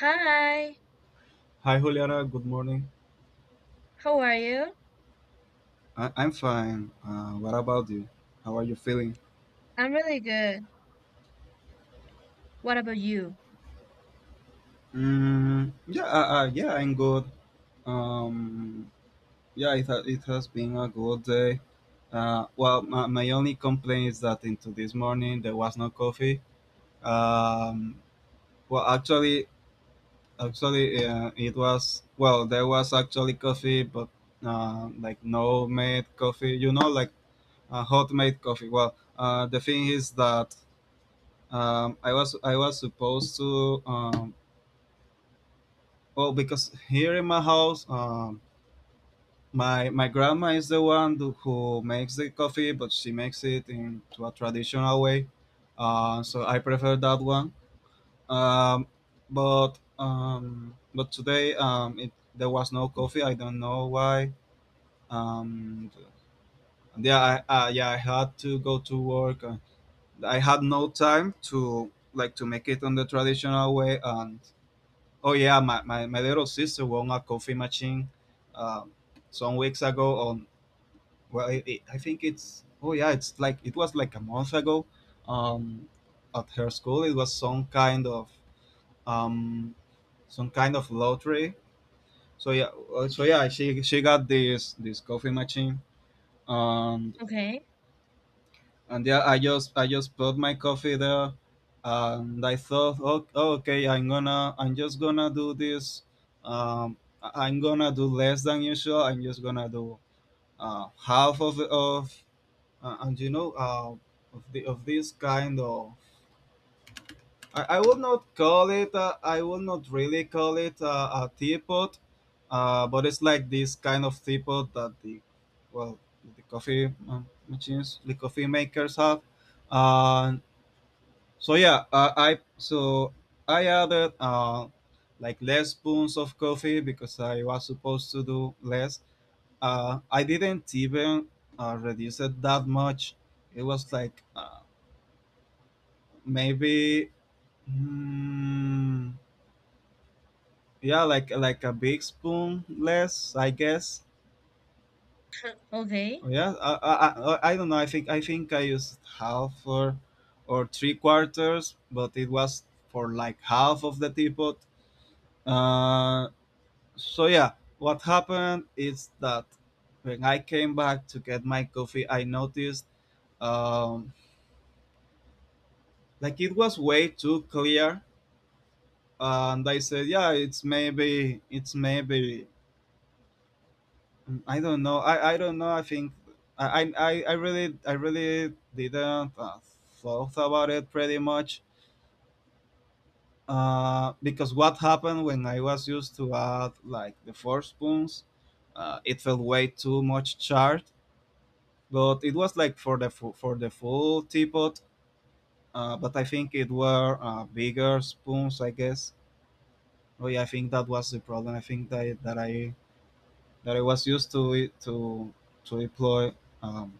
Hi, Hi, Juliana. Good morning. how are you? I'm fine. What about you? How are you feeling? I'm really good. What about you? Mm, yeah, yeah, I'm good. Um, yeah, it has been a good day. Well, my only complaint is that into this morning there was no coffee. Um, well, it was there was actually coffee, but like no made coffee. Like hot made coffee. Well, the thing is that I was supposed to, oh because here in my house, my grandma is the one who makes the coffee, but she makes it in to a traditional way. So I prefer that one. Um, but um, but today, there was no coffee. I don't know why. Um, yeah I, I yeah I had to go to work. I had no time to like to make it on the traditional way, and oh yeah, my little sister won a coffee machine um, some weeks ago. On well, it, I think it's like it was like a month ago. Um, at her school, it was some kind of, um, some kind of lottery. So she got this coffee machine. Um, Okay, and yeah, I just put my coffee there, and I thought, oh, okay, I'm just gonna do this. I'm gonna do less than usual. I'm just gonna do half of and of this kind of. I would not call it. I would not really call it a teapot, but it's like this kind of teapot that well, the coffee machines, the coffee makers have. Uh, so I added like less spoons of coffee because I was supposed to do less. I didn't even reduce it that much. It was like maybe, mm, yeah, like a big spoon less, I guess. okay. Oh, yeah, I don't know. I think I used half or three quarters, but it was for like half of the teapot. Uh, So what happened is that when I came back to get my coffee, I noticed um, like it was way too clear, and I said, yeah, it's maybe, I don't know, I don't know. I think I really didn't thought about it pretty much. Because what happened when I was used to add like the four spoons, it felt way too much charred, but it was like for for the full teapot. But I think it were bigger spoons, I guess. Oh yeah, I think that was the problem. I think that I was used to it to employ um,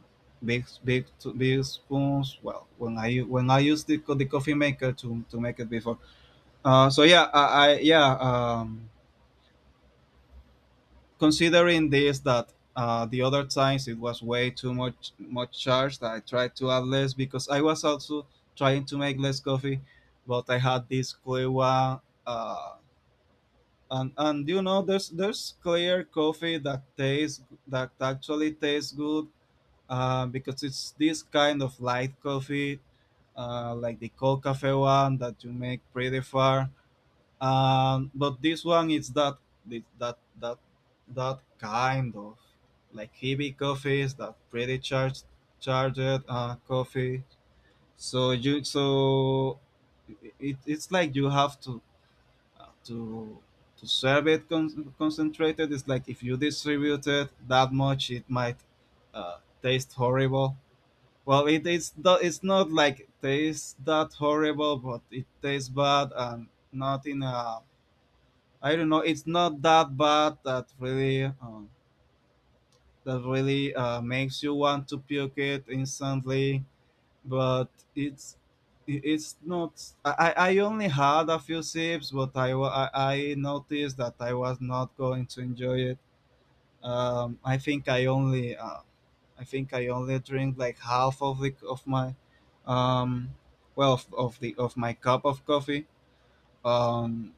big big big spoons. Well, when I used the coffee maker to make it before. So yeah, I yeah. Considering this that the other times it was way too much charged. I tried to add less because I was also trying to make less coffee, but I had this clear one. Uh, and and there's clear coffee that actually tastes good, because it's this kind of light coffee, like the cold cafe one that you make pretty far. But this one is that that that, that kind of like heavy coffees that pretty charged charged coffee. So it's like you have to, uh, to to serve it concentrated. It's like if you distribute it that much, it might taste horrible. Well, it's not like tastes that horrible, but it tastes bad and not in a... I don't know. It's not that bad that really makes you want to puke it instantly, but it's it's not. I only had a few sips, but I noticed that I was not going to enjoy it. I think I only I think I only drink like half of the of my um well of the of my cup of coffee. Um,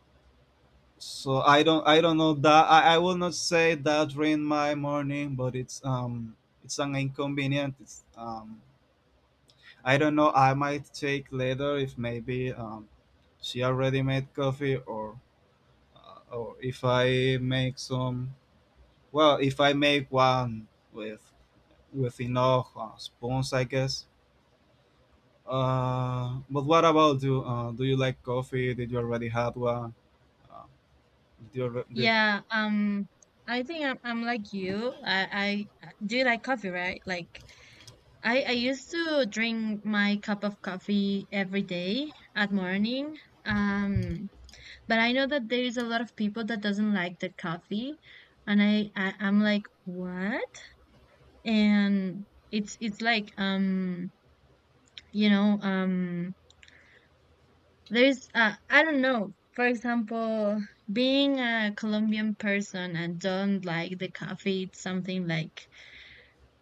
So, I don't know that I will not say that ruined my morning, but it's an inconvenient. It's, I don't know. I might take later if maybe she already made coffee or if I make some. Well, if I make one with with enough spoons, I guess. But what about you? Do you like coffee? Did you already had one? Uh, did you alre- did, Yeah, I think I'm like you. I Do you like coffee, right? Like I used to drink my cup of coffee every day at morning. Um, but I know that there is a lot of people that doesn't like the coffee, and I'm like, what? And it's like you know, um. There's, I don't know, for example, being a Colombian person and don't like the coffee, it's something like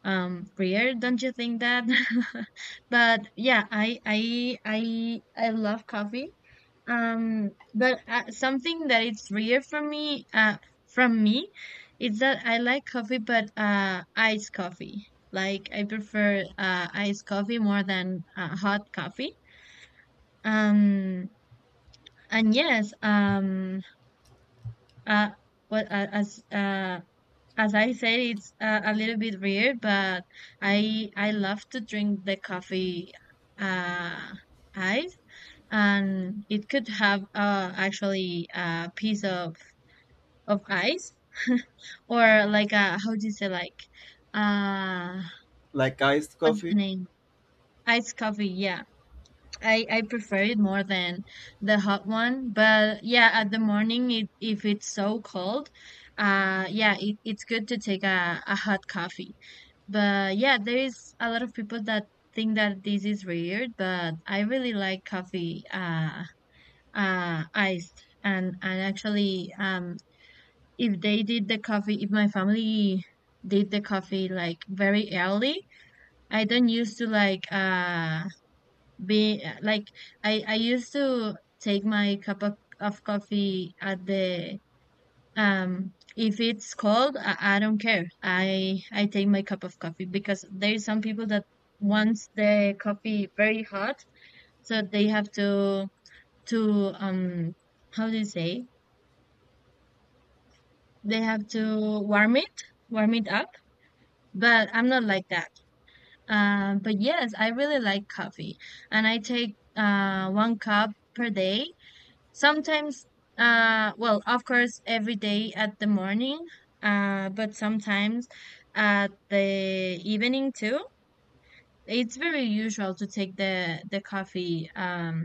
weird, don't you think that? But yeah, I love coffee. But something that it's rare for me, from me, is that I like coffee, but iced coffee. Like I prefer iced coffee more than hot coffee. Um, and yes, uh, as as I said, it's a little bit weird, but I love to drink the coffee uh, ice, and it could have actually a piece of ice. Or like a, how do you say, like, uh, Like iced what's the coffee? name? Ice coffee, yeah. I prefer it more than the hot one, but yeah, at the morning, if it's so cold, yeah, it's good to take a hot coffee. But yeah, there is a lot of people that think that this is weird, but I really like coffee, iced, and actually, if they did the coffee, if my family did the coffee like very early, I don't used to like, be like, I used to take my cup of coffee at the. If it's cold, I don't care, I take my cup of coffee because there's some people that wants the coffee very hot, so they have to, how do you say, they have to warm it up. But I'm not like that. But yes, I really like coffee and I take one cup per day. Sometimes, well, of course, every day at the morning, but sometimes at the evening too. It's very usual to take the coffee,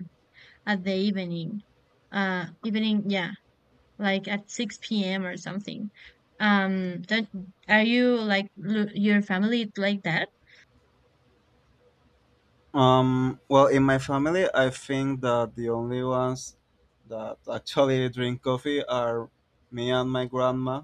at the evening, yeah, like at 6 p.m. or something. Don't, are you like your family like that? Well, in my family, I think that the only ones that actually drink coffee are me and my grandma.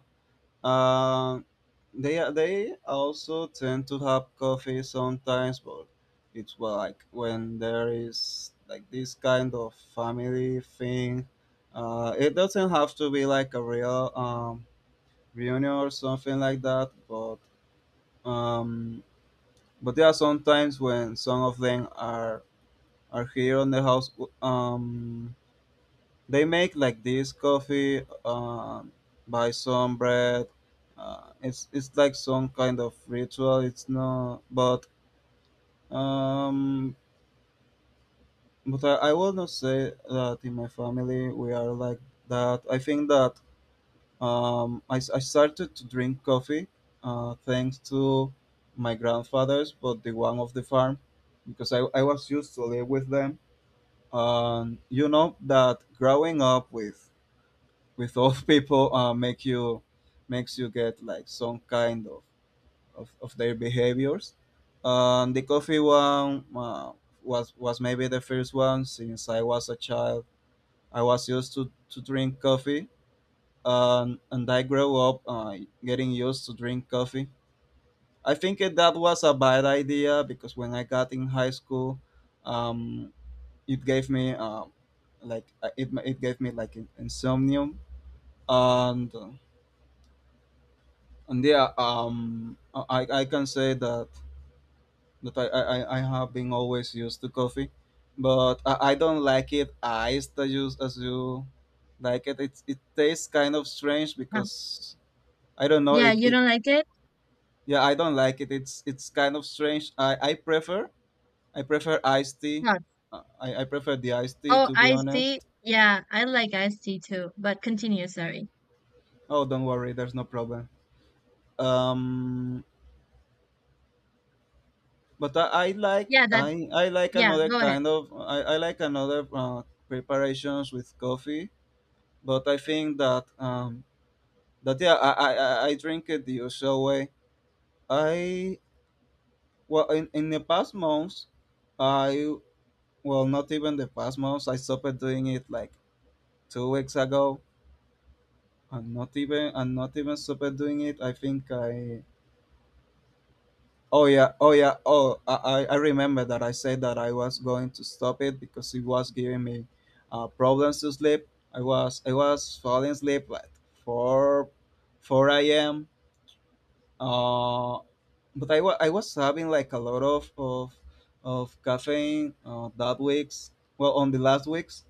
Um, they also tend to have coffee sometimes, but it's like when there is like this kind of family thing. It doesn't have to be like a real reunion or something like that, um, but there are sometimes when some of them are here on the house. Um, they make like this coffee, buy some bread. It's like some kind of ritual. It's not, um, but I will not say that in my family we are like that. I think that I started to drink coffee, thanks to my grandfathers, but the one of the farm, because I was used to live with them. You know that growing up with old people makes you get like some kind of their behaviors. The coffee one was maybe the first one since I was a child. I was used to drink coffee. And I grew up, getting used to drink coffee. I think that was a bad idea because when I got in high school. Um, it gave me like it it gave me like insomnia, and uh, and yeah, I can say that I have been always used to coffee, but I don't like it iced as you like it. It tastes kind of strange Uh, because I don't know. yeah, it you it don't like it? Yeah, I don't like it. It's kind of strange. I prefer iced tea. No. I prefer the iced tea, Oh, to be I see. honest. Yeah, I like iced tea too, but continue, sorry. Oh, don't worry, there's no problem. um but I, I like Yeah, I, I like yeah, another go ahead. kind of I like another preparations with coffee. But I think that that yeah, I drink it the usual way. I well, in the past months, I well not even the past months I stopped doing it like 2 weeks ago. And not even stopped doing it. I think I Oh yeah, oh yeah, I remember that I said that I was going to stop it because it was giving me problems to sleep. I was falling asleep at four 4 a.m. Uh, but I was having like a lot of caffeine that weeks. Well, on the last weeks,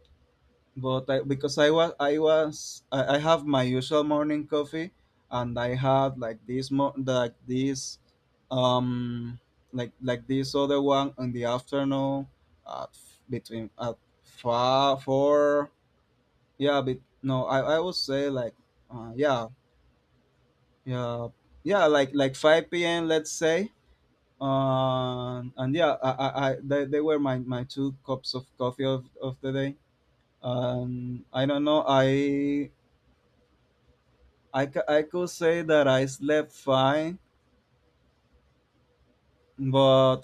because I have my usual morning coffee, and I had like this um this other one in the afternoon, between at five four, yeah, but no, I would say like, yeah, yeah, yeah, like 5 p.m., let's say. And yeah, they were my two cups of coffee of the day. I don't know. I could say that I slept fine, but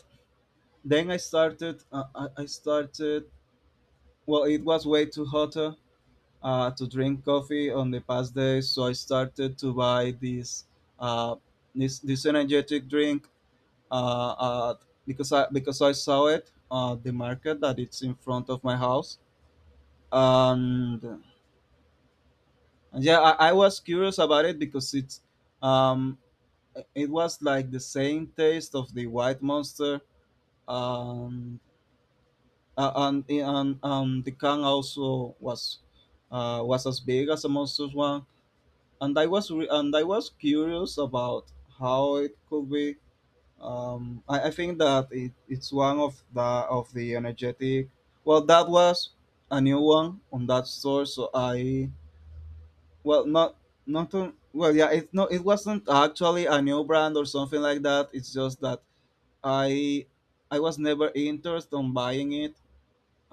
then I started well it was way too hot to drink coffee on the past day, so I started to buy uh, this energetic drink uh, uh, because I saw it at the market that it's in front of my house and yeah I was curious about it because it's um, it was like the same taste of the white monster um and the can also was as big as a monster's one and I was curious about how it could be. I think that it's one of the energetic well that was a new one on that store. So I well not not on, well yeah It no it wasn't actually a new brand or something like that. It's just that i I was never interested on buying it,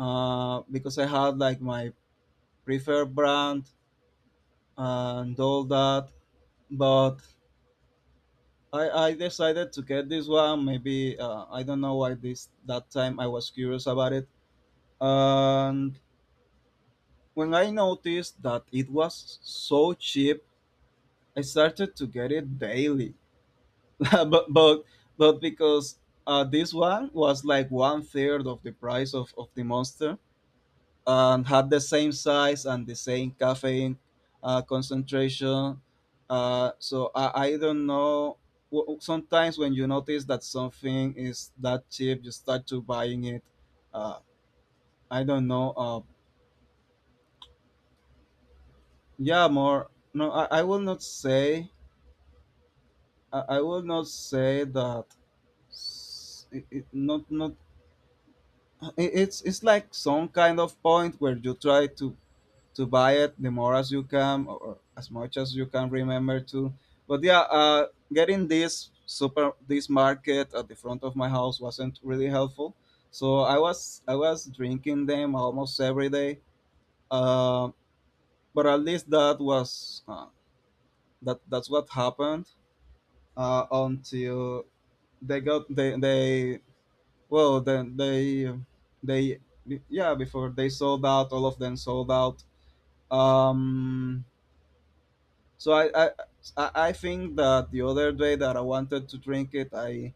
because I had like my preferred brand and all that. But I decided to get this one. Maybe I don't know why this that time I was curious about it. And when I noticed that it was so cheap, I started to get it daily. but but but Because this one was like one third of the price of the monster and had the same size and the same caffeine concentration. So I don't know. Sometimes when you notice that something is that cheap, you start to buying it. Uh, I don't know. Yeah, more. No, I will not say. I will not say that. Not not. It's like some kind of point where you try to buy it the more as you can, or as much as you can remember to. But yeah, getting this super this market at the front of my house, wasn't really helpful. So I was drinking them almost every day, uh, but at least that was that's what happened, until they got they well then they yeah before they sold out. All of them sold out. um So I I I think that the other day that I wanted to drink it, I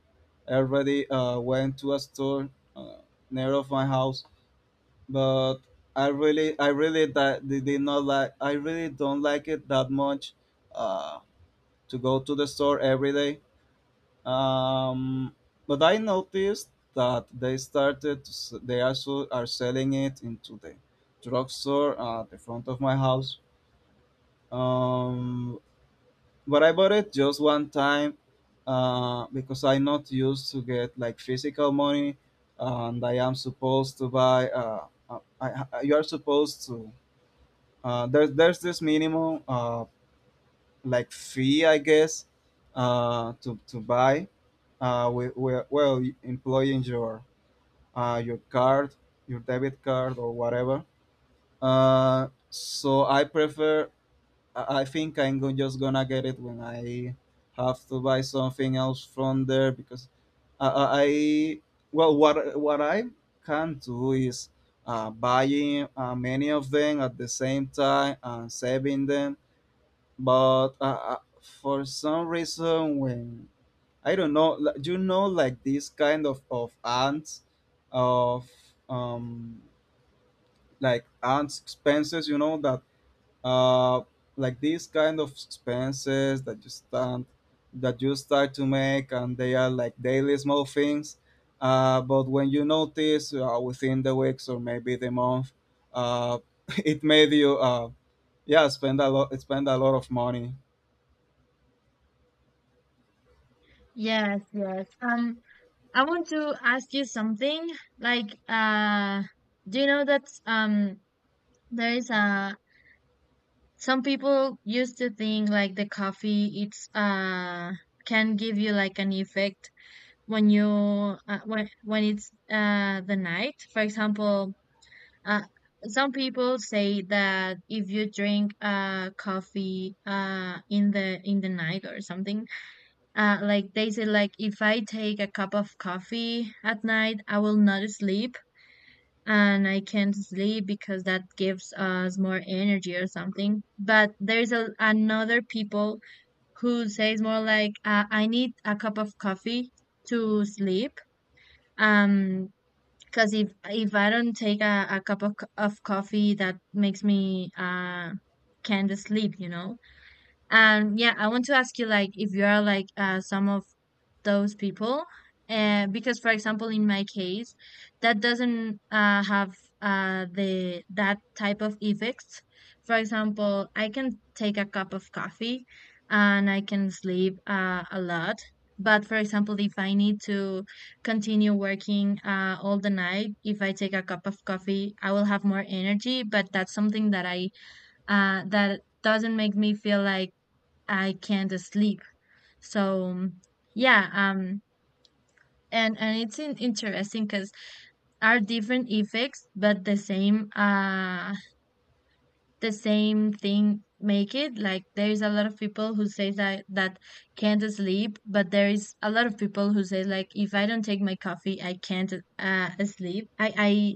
already went to a store uh, near of my house, but I really that did not like I really don't like it that much, uh, to go to the store every day. Um, but I noticed that they started to, they also are selling it into the drugstore at the front of my house. Um, but I bought it just one time, because I'm not used to get like physical money, and I am supposed to buy. You are supposed to. There's this minimum like fee, I guess, to buy. Well, employing your card, your debit card or whatever. So I prefer. I think I'm just gonna get it when I have to buy something else from there because I, I, I what I can do is buying many of them at the same time and saving them. But For some reason, when I don't know, you know, like this kind of ants of um like ants expenses, you know that uh, like these kind of expenses that you start to make, and they are like daily small things, but when you notice, within the weeks or maybe the month, uh, it made you yeah spend a lot, spend a lot of money. Yes, yes. I want to ask you something. Like, do you know that, there is, some people used to think like the coffee, it's can give you like an effect when you, when it's the night. For example, uh, some people say that if you drink coffee in the night or something, like they said, like if I take a cup of coffee at night, I will not sleep and I can't sleep because that gives us more energy or something. But there's another people who says more like, I need a cup of coffee to sleep. Um, because if I don't take a cup of coffee, that makes me can't sleep, you know. And yeah, I want to ask you like if you are like, some of those people, and because, for example, in my case, that doesn't, have, the that type of effects. For example, I can take a cup of coffee and I can sleep a lot. But for example, if I need to continue working all the night, if I take a cup of coffee I will have more energy, but that's something that doesn't make me feel like I can't sleep. So yeah, and it's interesting because, are different effects but the same thing, make it like there is a lot of people who say that can't sleep, but there is a lot of people who say like if I don't take my coffee, I can't sleep. I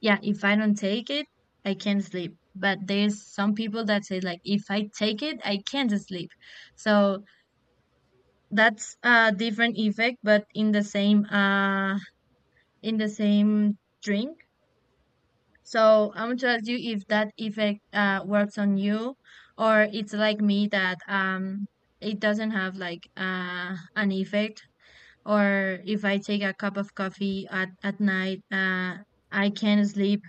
Yeah, if I don't take it, I can't sleep. But there's some people that say like if I take it, I can't sleep. So that's a different effect but in the same drink. So I want to ask you if that effect works on you, or it's like me that, it doesn't have like, an effect, or if I take a cup of coffee at night, I can sleep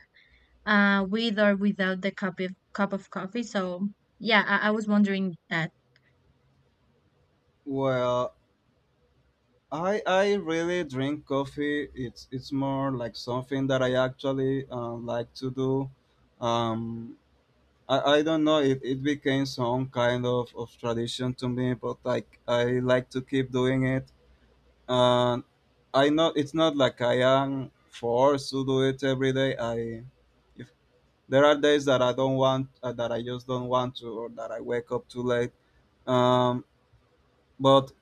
with or without the cup of coffee. So yeah, I was wondering that. Well, I really drink coffee. It's more like something that I actually like to do. um, I don't know, it became some kind of tradition to me, but like I like to keep doing it. And I know it's not like I am forced to do it every day. I if there are days that I don't want, that I just don't want to, or that I wake up too late, um, but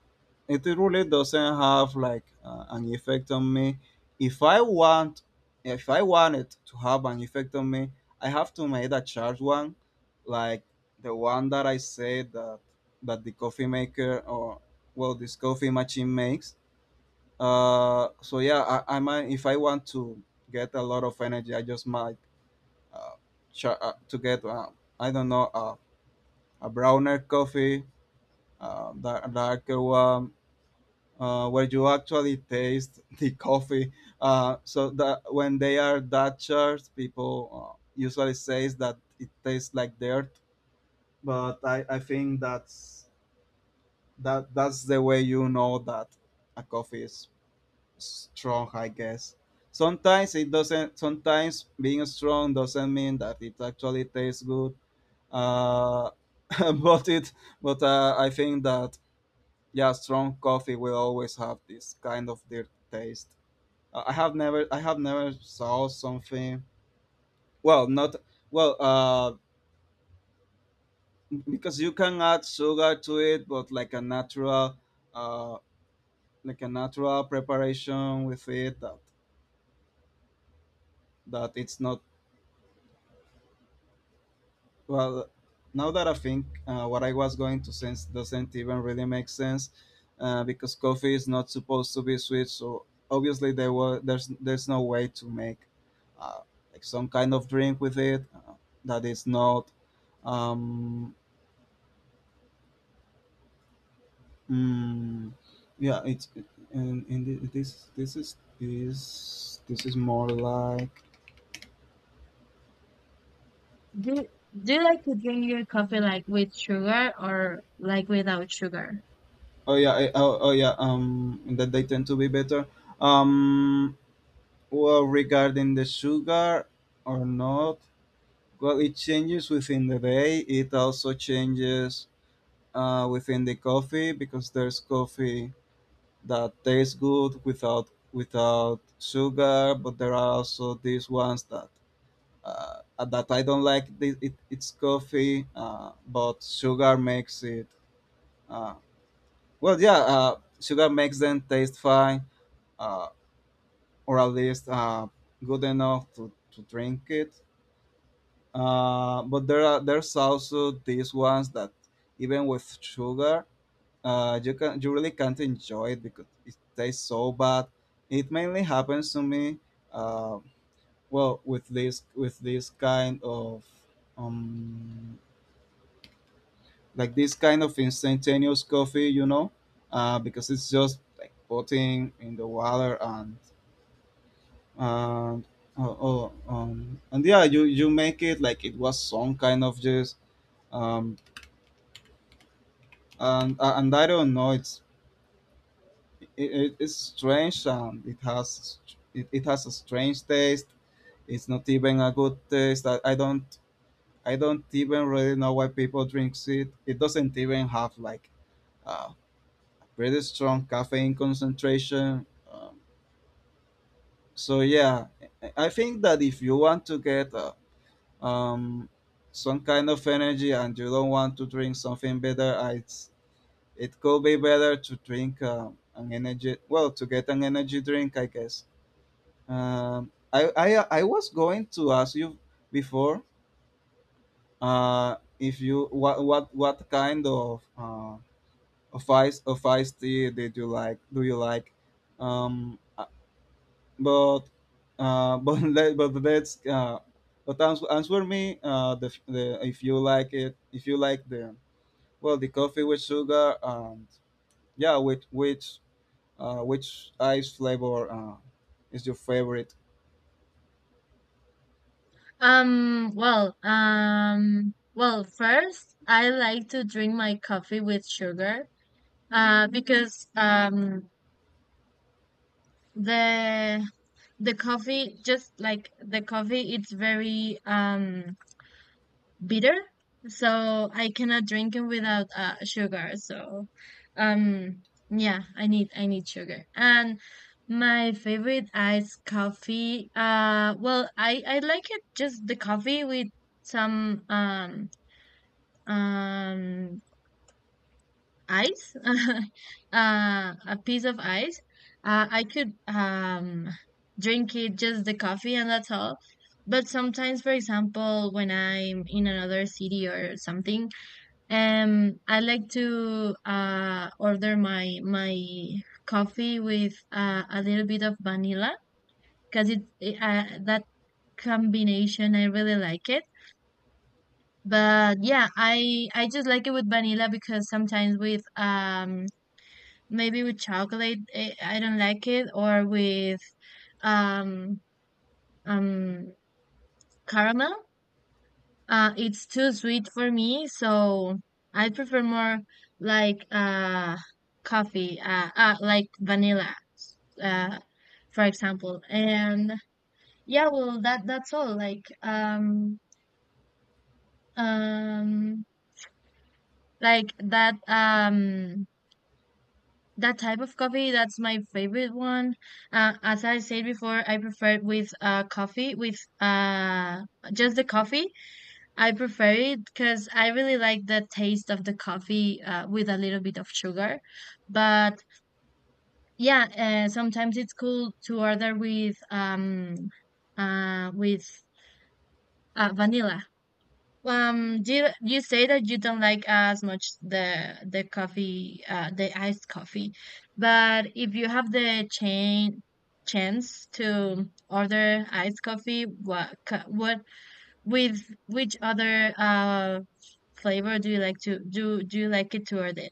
it really doesn't have like an effect on me. if i want if I want it to have an effect on me, I have to make a charged one. Like the one that I said that that the coffee maker, or well this coffee machine makes. So yeah, I might, if I want to get a lot of energy, I just might, uh, to get I don't know, a browner coffee, uh, darker one, where you actually taste the coffee. So that when they are Dutchers, people usually says that it tastes like dirt. But I think that's that's the way you know that a coffee is strong, I guess. Sometimes it doesn't. Sometimes being strong doesn't mean that it actually tastes good. Uh, but it but I think that yeah, strong coffee will always have this kind of dirt taste. I have never saw something. Well, not well because you can add sugar to it, but like a natural, uh, like a natural preparation with it, that it's not, well. Now that I think, what I was going to sense doesn't even really make sense, because coffee is not supposed to be sweet. So obviously there were there's no way to make uh, like some kind of drink with it, that is not, um, mm, yeah, it's. And thi- this is This is more like, Do do you like to drink your coffee like with sugar or like without sugar? oh yeah. Oh, oh yeah, that they tend to be better. um well regarding the sugar or not, well it changes within the day. It also changes, within the coffee, because there's coffee that tastes good without sugar, but there are also these ones that, that I don't like the, it's coffee, but sugar makes it. Uh, Sugar makes them taste fine, uh, or at least good enough to drink it. But there are there's also these ones that even with sugar, you can, you really can't enjoy it because it tastes so bad. It mainly happens to me. Uh, well, with this, with this kind of, um like this kind of instantaneous coffee, you know, because it's just like putting in the water, and and yeah, you make it like it was some kind of juice, um, and I don't know, it's, it, it's strange, and it has, it has a strange taste. It's not even a good taste. I don't even really know why people drink it. It doesn't even have like uh, pretty strong caffeine concentration. Um, so yeah, I think that if you want to get um, some kind of energy and you don't want to drink something better, it's, it could be better to drink an energy. Well, to get an energy drink, I guess. I was going to ask you before if you, what kind of ice, of iced tea did you like? Do you like? Um, but but let's answer me the, if you like it, if you like the, well the coffee with sugar, and yeah with which ice flavor is your favorite? Well, first I like to drink my coffee with sugar, because, the the coffee, just like the coffee, it's very bitter, so I cannot drink it without sugar. So, um, yeah, I need sugar. And my favorite iced coffee, well, I like it just the coffee with some, um ice. A piece of ice, I could, drink it just the coffee, and that's all. But sometimes, for example, when I'm in another city or something, I like to order my coffee with, a little bit of vanilla, because, it that combination I really like it. But yeah, I just like it with vanilla, because sometimes with, maybe with chocolate, I don't like it, or with, um um caramel. It's too sweet for me, so I prefer more like coffee, like vanilla, uh for example. And yeah, well that's all. Like, um like that. That type of coffee, that's my favorite one. As I said before, I prefer it with, coffee, with, just the coffee. I prefer it because I really like the taste of the coffee, with a little bit of sugar. But yeah, sometimes it's cool to order with vanilla. Did you say that you don't like as much the coffee, the iced coffee, but if you have the chain chance to order iced coffee, what, what, with which other flavor do you like it to order?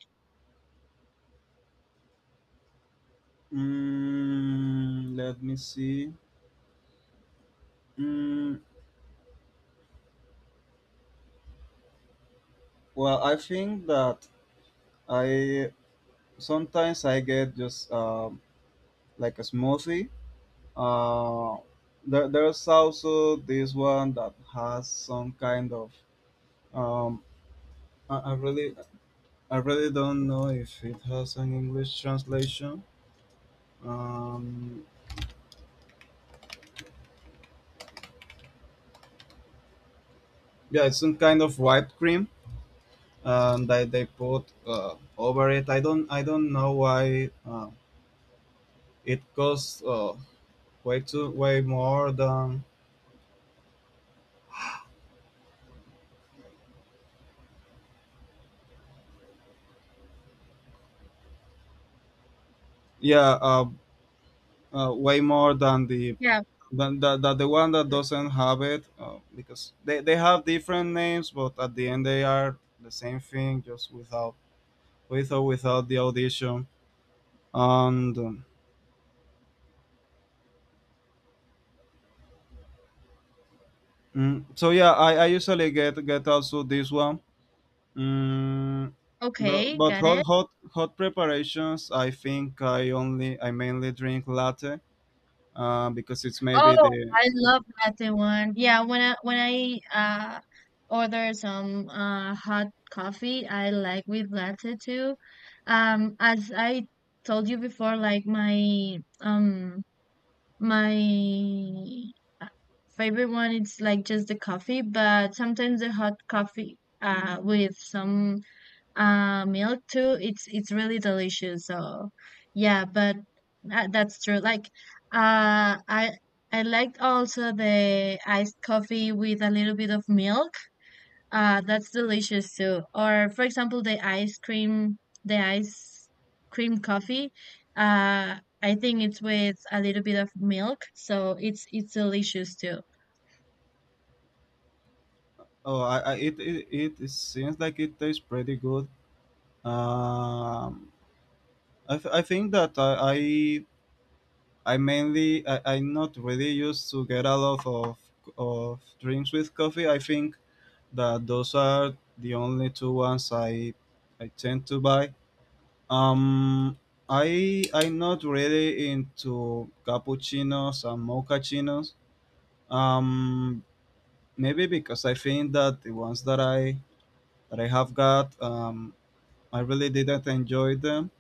Mm, let me see. Mm, well, I think that I sometimes I get just like a smoothie. Uh, there's also this one that has some kind of, um, I, I really I really don't know if it has an English translation. Um, yeah, it's some kind of whipped cream, that they put over it. I don't know why it costs, uh, way more than, yeah way more than the, Yeah. That the one that doesn't have it, because they have different names, but at the end they are the same thing, just without, with or without the audition. And Mm, so yeah I usually get also this one. Mm, but Okay, but got it. Hot preparations, I think I only, I mainly drink latte, because it's maybe Oh, the, I love latte one. Yeah, when I order some hot coffee, I like with latte too. As I told you before, like my uh, favorite one, it's like just the coffee, but sometimes the hot coffee with some milk too, it's really delicious, so yeah. But that's true, like uh i I liked also the iced coffee with a little bit of milk, that's delicious too. Or for example the ice cream coffee, I think it's with a little bit of milk, so it's delicious too. oh. I, it it seems like it tastes pretty good. um I think that I'm not really used to get a lot of drinks with coffee. I think that those are the only two ones I tend to buy. Um, I I'm not really into cappuccinos and mochachinos. Um, Maybe because I think that the ones that I have got, I really didn't enjoy them.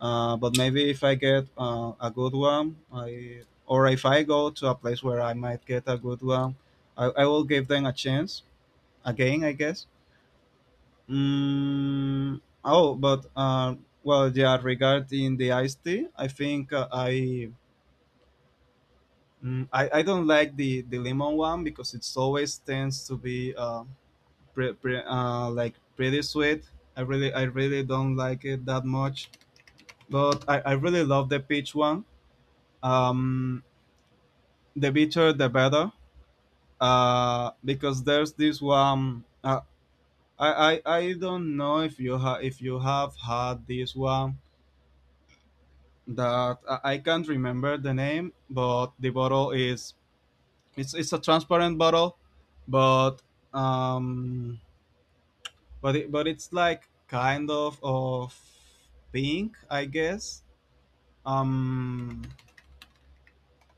But maybe if I get a good one, I, or if I go to a place where I might get a good one, I will give them a chance again, I guess. Mm, oh, but well, yeah. Regarding the iced tea, I think mm, I don't like the lemon one because it's always tends to be like pretty sweet. I really don't like it that much. But I really love the peach one. Um, the better, the better, because there's this one, uh, I don't know if if you have had this one, that I can't remember the name, but the bottle is, it's a transparent bottle, but um but it's like kind of pink I guess. um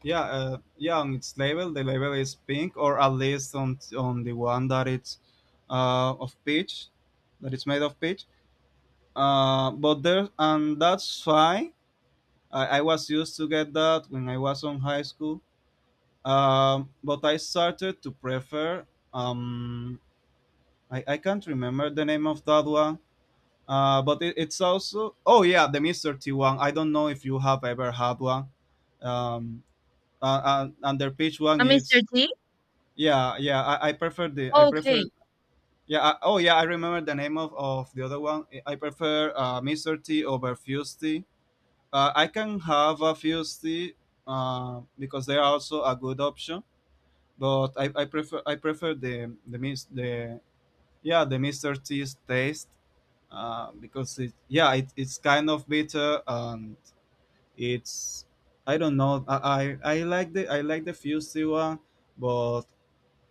Yeah, yeah. On its label, the label is pink, or at least on the one that it's of peach, that it's made of peach. And that's why I was used to get that when I was on high school. But I started to prefer. Um, I can't remember the name of that one. But it's also oh yeah, the Mister T one. I don't know if you have ever had one. Um, uh, and their peach one Mr. is T? yeah, yeah, I prefer the I prefer Okay. yeah. I, oh yeah, I remember the name of the other one. I prefer Mister T over Fuse Tea. I can have a Fuse Tea because they are also a good option. But I prefer I prefer the mis the yeah the Mister T's taste because it's kind of bitter and it's I don't know I like the I like the Fuse Tea one but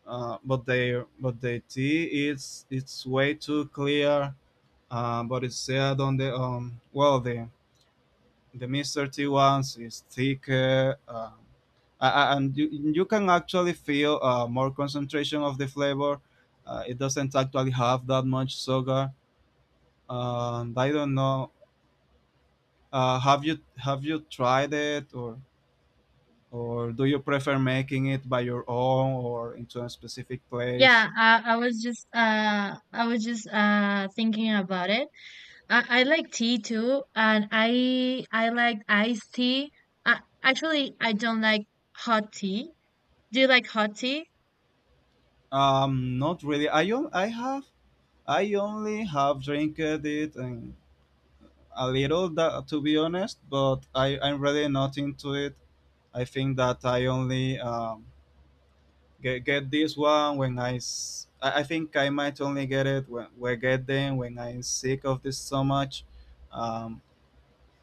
they tea is it's way too clear but it's said on the well the Mr. T ones is thicker a- and you can actually feel more concentration of the flavor. It doesn't actually have that much sugar and I don't know. Have you tried it, or do you prefer making it by your own or into a specific place? Yeah, I was just thinking about it. I like tea too, and I like iced tea. Actually, I don't like hot tea. Do you like hot tea? Not really. I have I only have drank it and a little that, to be honest, but I'm really not into it. I think that I only get this one when I think I might only get it when get them when I'm sick of this so much. Um,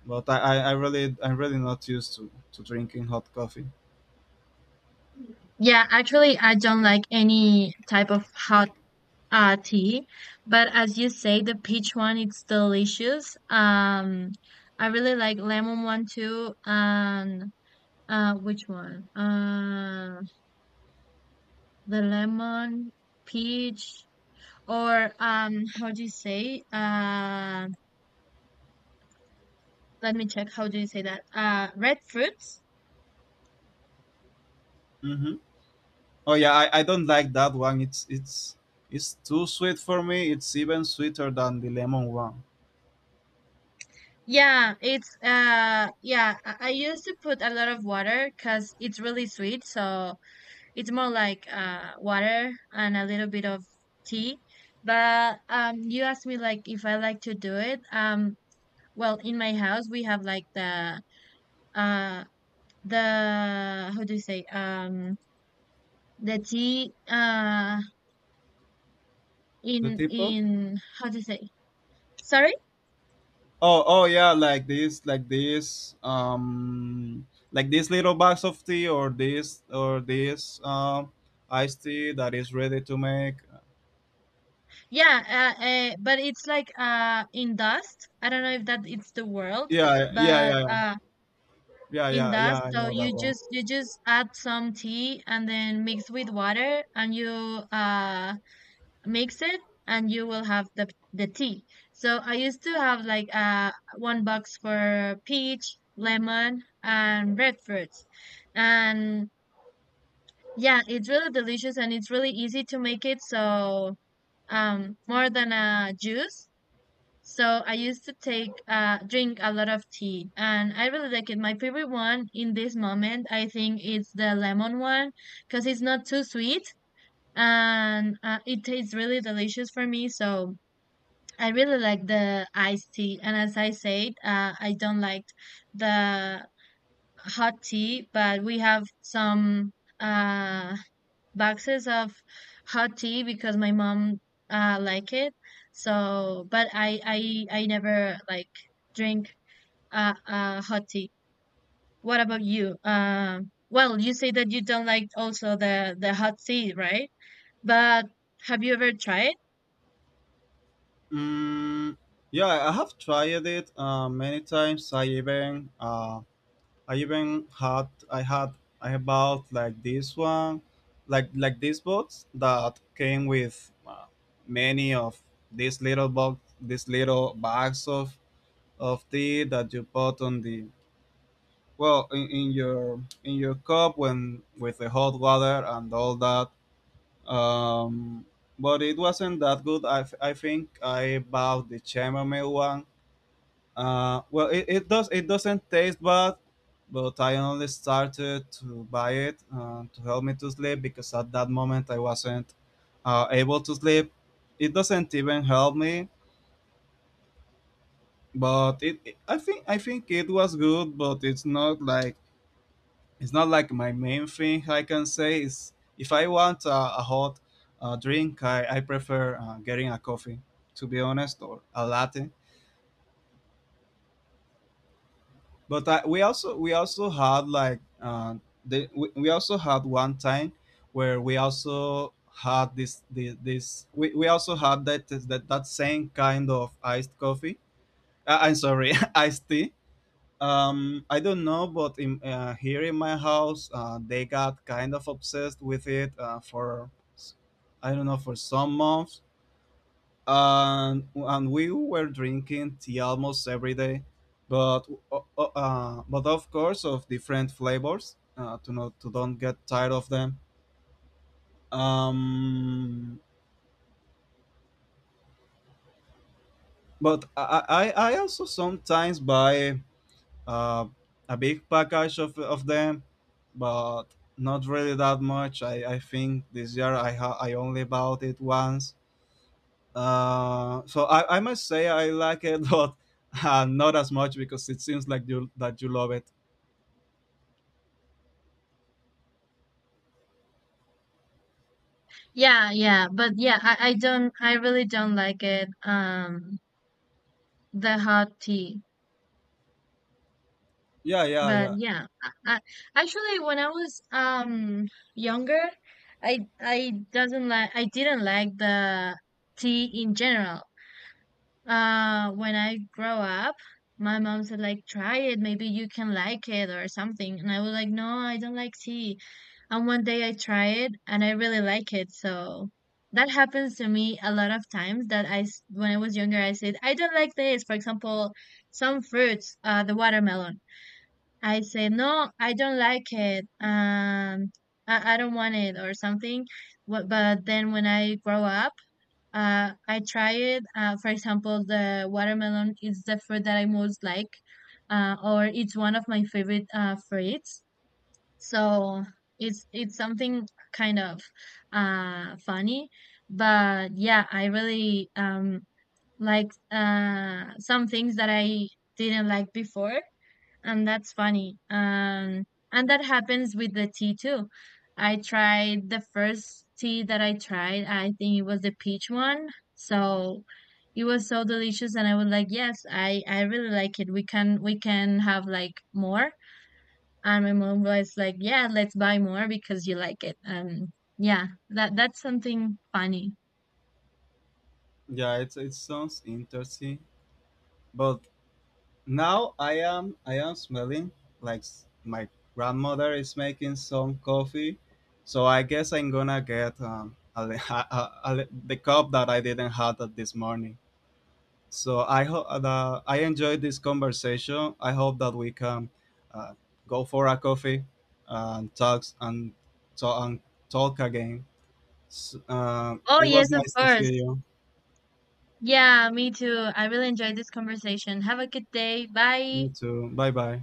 but I really I'm really not used to drinking hot coffee. Yeah, actually, I don't like any type of hot, tea, but as you say, the peach one it's delicious. I really like lemon one too, and, which one? The lemon, peach, or, how do you say? Let me check, how do you say that, red fruits? Oh yeah, I don't like that one. It's it's too sweet for me. It's even sweeter than the lemon one. Yeah, it's yeah, I used to put a lot of water because it's really sweet, so it's more like, water and a little bit of tea. But, you asked me, like, if I like to do it. Well, in my house we have like the uh the, how do you say, the tea, The teapot? in how do you say? Sorry. Oh oh yeah, like this, like this, like this little box of tea or this iced tea that is ready to make. Yeah, but it's like in dust. I don't know if that it's the world, Yeah, yeah, but yeah, yeah, in yeah, yeah, yeah, dust. I So know you that one. just you just add some tea and then mix with water and you uh mix it, and you will have the tea. So I used to have like one box for peach, lemon, and red fruits, and yeah, it's really delicious and it's really easy to make it. So, more than a juice. So I used to take drink a lot of tea, and I really like it. My favorite one in this moment, I think, is the lemon one because it's not too sweet, and, it tastes really delicious for me. So I really like the iced tea. And as I said, I don't like the hot tea, but we have some uh boxes of hot tea because my mom like it. So, but I never like drink, hot tea. What about you? Well, you say that you don't like also the hot tea, right? But have you ever tried? Mm, yeah, I have tried it many times. I even had I had I had bought like this one, like these box that came with many of these little box, these little bags of tea that you put on the well in your in your cup when with the hot water and all that. Um, but it wasn't that good. I think I bought the chamomile one. Well, it doesn't taste bad, but I only started to buy it to help me to sleep because at that moment I wasn't able to sleep. It doesn't even help me, but I think it was good, but it's not like my main thing. I can say is if I want a hot drink, I prefer getting a coffee. To be honest, or a latte. But we also had like we, also had one time where we also had this this, this we also had that same kind of iced coffee I'm sorry iced tea. I don't know, but in here in my house they got kind of obsessed with it for s- I don't know for some months and we were drinking tea almost every day, but but of course of different flavors to not to don't get tired of them. Um, but I also sometimes buy uh, a big package of them, but not really that much. I think this year I only bought it once. So I must say I like it, but not as much because it seems like you that you love it. Yeah, yeah, but yeah, I really don't like it. The hot tea. Yeah, yeah, But yeah, yeah, actually, when I was younger, I didn't like the tea in general. When I grow up, my mom said like try it, maybe you can like it, or something, and I was like no, I don't like tea. And one day I try it and I really like it. So that happens to me a lot of times, that when I was younger I said I don't like this. For example, some fruits, the watermelon. I say, no, I don't like it. I don't want it or something. But then when I grow up, I try it. For example, the watermelon is the fruit that I most like, or it's one of my favorite, fruits. So it's something kind of, funny. But yeah, I really, like, some things that I didn't like before, and that's funny. And that happens with the tea too. I tried the first tea that I tried, I think it was the peach one. So it was so delicious and I was like, yes, I really like it. We can have like more. And my mom was like, yeah, let's buy more because you like it. Yeah, that's something funny. yeah. It sounds interesting, but now I am smelling like my grandmother is making some coffee, so I guess I'm gonna get the cup that I didn't have that this morning. So I hope that I enjoyed this conversation. I hope that we can uh, go for a coffee and talk and talk and talk again. S Oh It was yes, of nice to see course. you. Yeah, me too. I really enjoyed this conversation. Have a good day. Bye. You too. Bye bye.